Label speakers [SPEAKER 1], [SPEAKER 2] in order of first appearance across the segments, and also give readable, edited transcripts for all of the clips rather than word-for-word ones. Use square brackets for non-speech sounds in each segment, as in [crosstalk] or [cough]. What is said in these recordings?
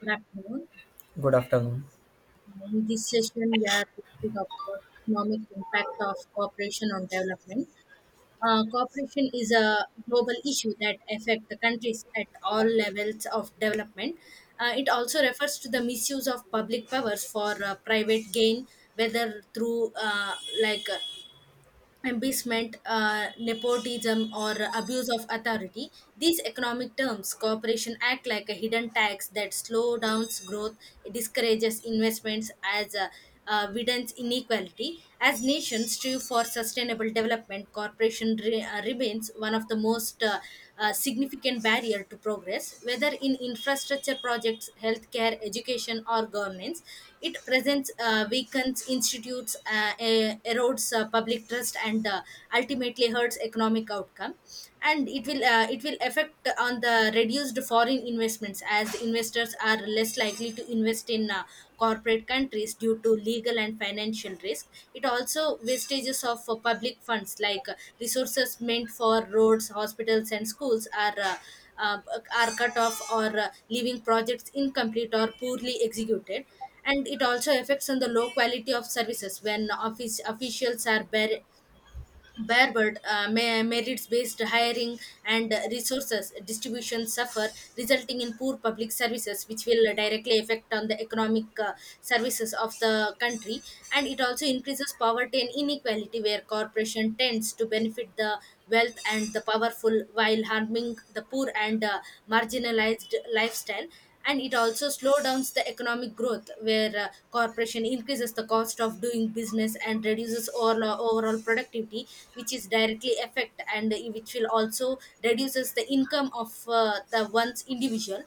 [SPEAKER 1] Good afternoon.
[SPEAKER 2] Good afternoon.
[SPEAKER 1] In this session, we are going to talk about economic impact of cooperation on development. Cooperation is a global issue that affects the countries at all levels of development. It also refers to the misuse of public powers for private gain, whether through like embezzlement, nepotism, or abuse of authority. These economic terms, corporation act like a hidden tax that slow downs growth, discourages investments as widens inequality. As nations strive for sustainable development, corporation remains one of the most significant barrier to progress, whether in infrastructure projects, healthcare, education, or governance. It presents weakens institutes, erodes public trust, and ultimately hurts economic outcome. And it will affect on the reduced foreign investments as investors are less likely to invest in corporate countries due to legal and financial risk. It also wastages of public funds like resources meant for roads, hospitals, and schools uh, are cut off or leaving projects incomplete or poorly executed, and it also affects on the low quality of services when office officials are merits based hiring and resources distribution suffer, resulting in poor public services, which will directly affect on the economic services of the country. And it also increases poverty and inequality, where corporation tends to benefit the wealth and the powerful while harming the poor and marginalized lifestyle, and it also slow downs the economic growth where corporation increases the cost of doing business and reduces overall productivity, which is directly affect and which will also reduces the income of the one's individual,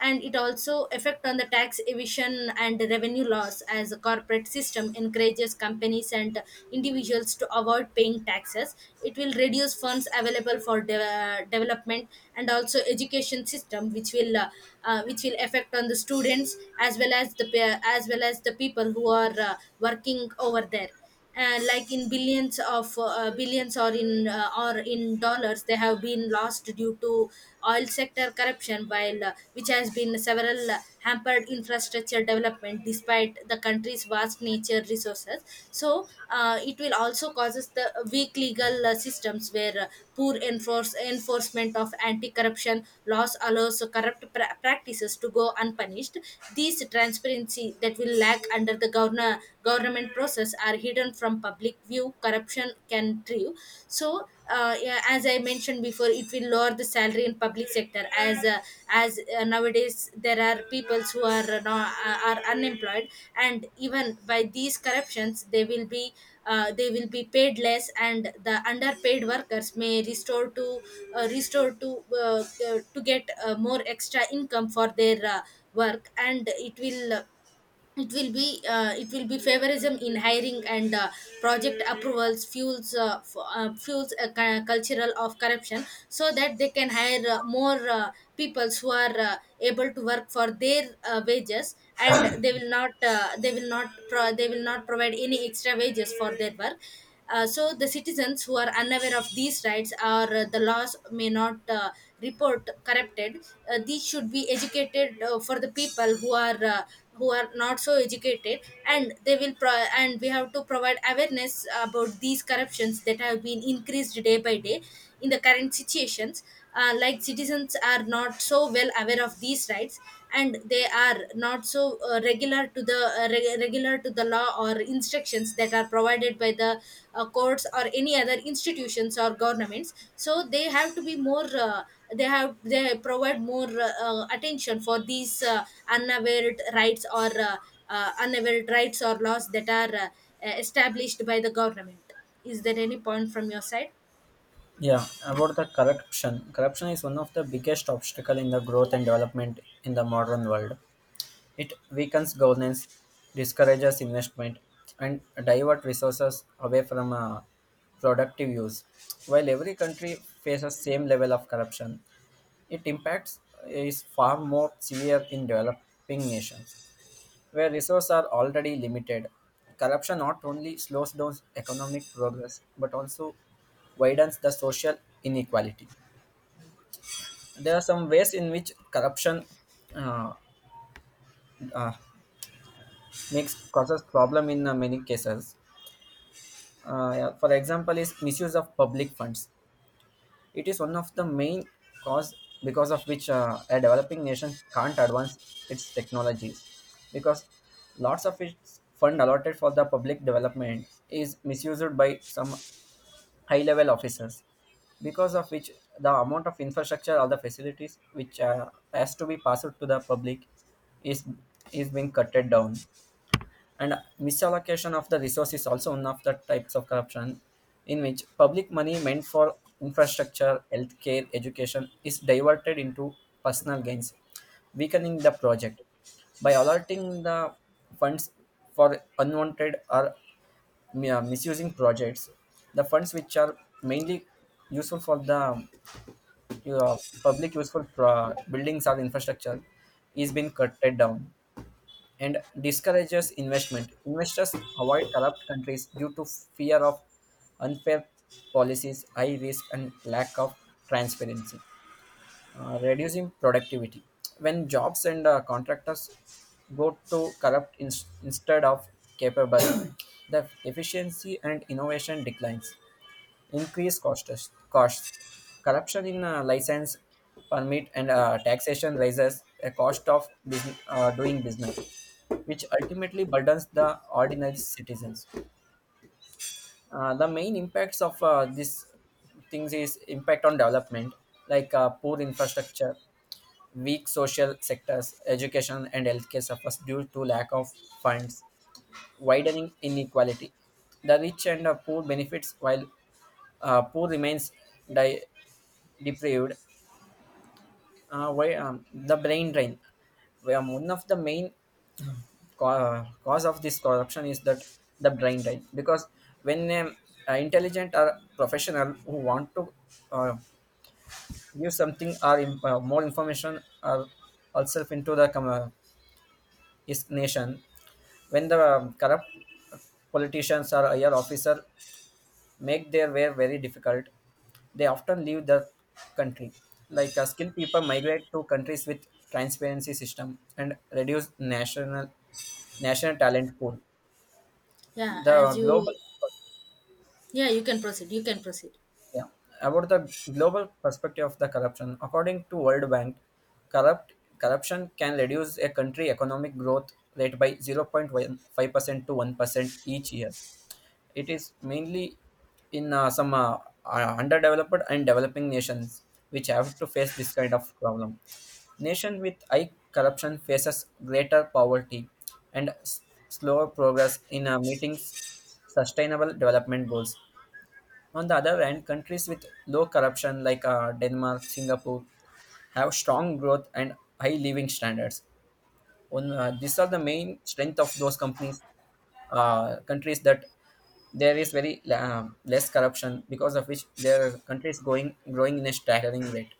[SPEAKER 1] and it also affect on the tax evasion and revenue loss as a corporate system encourages companies and individuals to avoid paying taxes. It will reduce funds available for development and also education system, which will which will affect on the students as well as as well as the people who are working over there. And like in billions of billions or in dollars they have been lost due to oil sector corruption while which has been several hampered infrastructure development despite the country's vast nature resources. So it will also causes the weak legal systems where poor enforcement of anti-corruption laws allows practices to go unpunished. These transparency that will lack under the governor government process are hidden from public view. Corruption can thrive. So, yeah, as I mentioned before, it will lower the salary in public sector, as nowadays there are peoples who are are unemployed, and even by these corruptions they will be paid less, and the underpaid workers may restore uh, to get more extra income for their work. And it will be favorism in hiring and project approvals fuels fuels a cultural of corruption so that they can hire more peoples who are able to work for their wages, and they will not pro- they will not provide any extra wages for their work. So the citizens who are unaware of these rights or the laws may not report corrupted. These should be educated for the people who are not so educated, and and we have to provide awareness about these corruptions that have been increased day by day in the current situations. Like citizens are not so well aware of these rights, and they are not so regular to the regular to the law or instructions that are provided by the courts or any other institutions or governments, so they have to be more they have they provide more attention for these unavailed rights or unavailed rights or laws that are established by the government. Is there any point from your side?
[SPEAKER 2] Yeah, about the corruption. Corruption is one of the biggest obstacle in the growth and development in the modern world. It weakens governance, discourages investment, and divert resources away from productive use. While every country faces same level of corruption, it impacts is far more severe in developing nations. Where resources are already limited, corruption not only slows down economic progress but also widens the social inequality. There are some ways in which corruption uh, uh, makes causes problem in many cases. Yeah, for example, is misuse of public funds. It is one of the main cause because of which a developing nation can't advance its technologies because lots of its fund allotted for the public development is misused by some high level officers because of which the amount of infrastructure or the facilities which has to be passed to the public is is being cut down. And misallocation of the resource is also one of the types of corruption in which public money meant for infrastructure healthcare education is diverted into personal gains, weakening the project by allotting the funds for unwanted or misusing projects. The funds which are mainly useful for the uh, public useful buildings or infrastructure is being cut down and discourages investment. Investors avoid corrupt countries due to fear of unfair policies, high risk, and lack of transparency. Reducing productivity. When jobs and contractors go to corrupt instead of capable, [coughs] [clears throat] the efficiency and innovation declines. Increased costs. Costs. Corruption in license, permit, and taxation raises a cost of business, doing business, which ultimately burdens the ordinary citizens. The main impacts of these things is impact on development, like poor infrastructure, weak social sectors, education and healthcare suffers due to lack of funds, widening inequality. The rich and poor benefits while poor remains di- deprived. The brain drain. Where one of the main cause of this corruption is that the brain drain, because when an intelligent or professional who want to uh, give something or more information or herself into the his nation, when the corrupt politicians or higher officer make their way very difficult, they often leave the country, like skilled people migrate to countries with transparency system and reduce national talent pool.
[SPEAKER 1] yeah
[SPEAKER 2] The
[SPEAKER 1] as you
[SPEAKER 2] global.
[SPEAKER 1] yeah, you can proceed, you can proceed.
[SPEAKER 2] Yeah, about the global perspective of the corruption, according to World Bank, corrupt corruption can reduce a country economic growth rate by 0.5% to 1% each year. It is mainly in some underdeveloped and developing nations which have to face this kind of problem. Nation with high corruption faces greater poverty and slower progress in meeting sustainable development goals. On the other hand, countries with low corruption like Denmark, Singapore have strong growth and high living standards. On These are the main strength of those companies, countries, that there is very less corruption because of which their country is going growing in a staggering rate.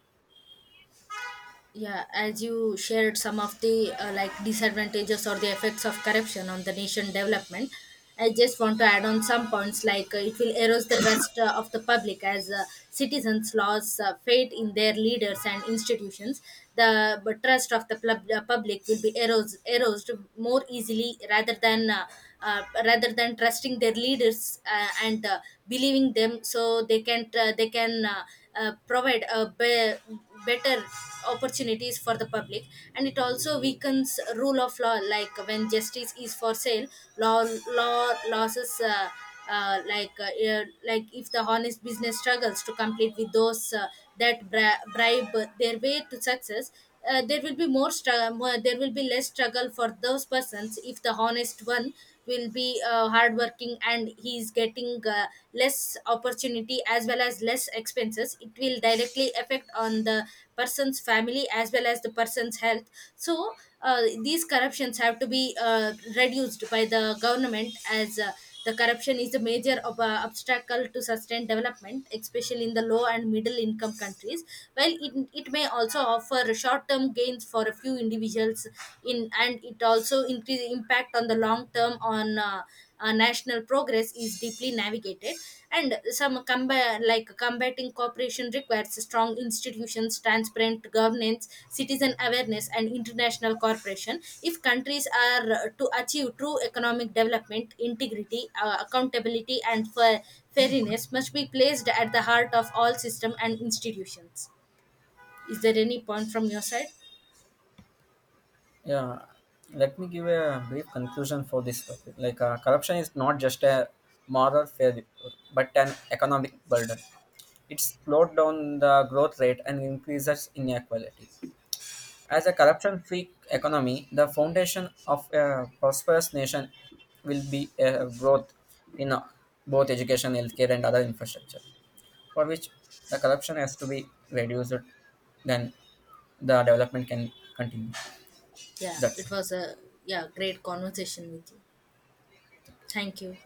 [SPEAKER 1] Yeah, as you shared some of the like disadvantages or the effects of corruption on the nation development, I just want to add on some points. Like it will erode the trust of the public as citizens lose faith in their leaders and institutions. The but trust of the public will be eroded more easily rather than trusting their leaders and believing them, so they can provide better opportunities for the public. And it also weakens rule of law, like when justice is for sale, law law losses. Like if the honest business struggles to compete with those that bribe their way to success, there will be more struggle, there will be less struggle for those persons. If the honest one will be hardworking and he is getting less opportunity as well as less expenses, it will directly affect on the person's family as well as the person's health. So these corruptions have to be reduced by the government, as the corruption is a major obstacle to sustained development, especially in the low and middle income countries. While it may also offer short term gains for a few individuals, in and it also increase impact on the long term on national progress is deeply navigated. And some Comba- like combating cooperation requires strong institutions, transparent governance, citizen awareness, and international cooperation. If countries are to achieve true economic development, integrity, accountability, and fairness must be placed at the heart of all system and institutions. Is there any point from your side?
[SPEAKER 2] Yeah, let me give a brief conclusion for this topic. Like, corruption is not just a moral failure, but an economic burden. It slowed down the growth rate and increases inequality. As a corruption free economy, the foundation of a prosperous nation will be a growth in both education, healthcare, and other infrastructure, for which the corruption has to be reduced, then the development can continue.
[SPEAKER 1] Yeah,
[SPEAKER 2] That's
[SPEAKER 1] it
[SPEAKER 2] it.
[SPEAKER 1] was a Yeah, great conversation with you. Thank you.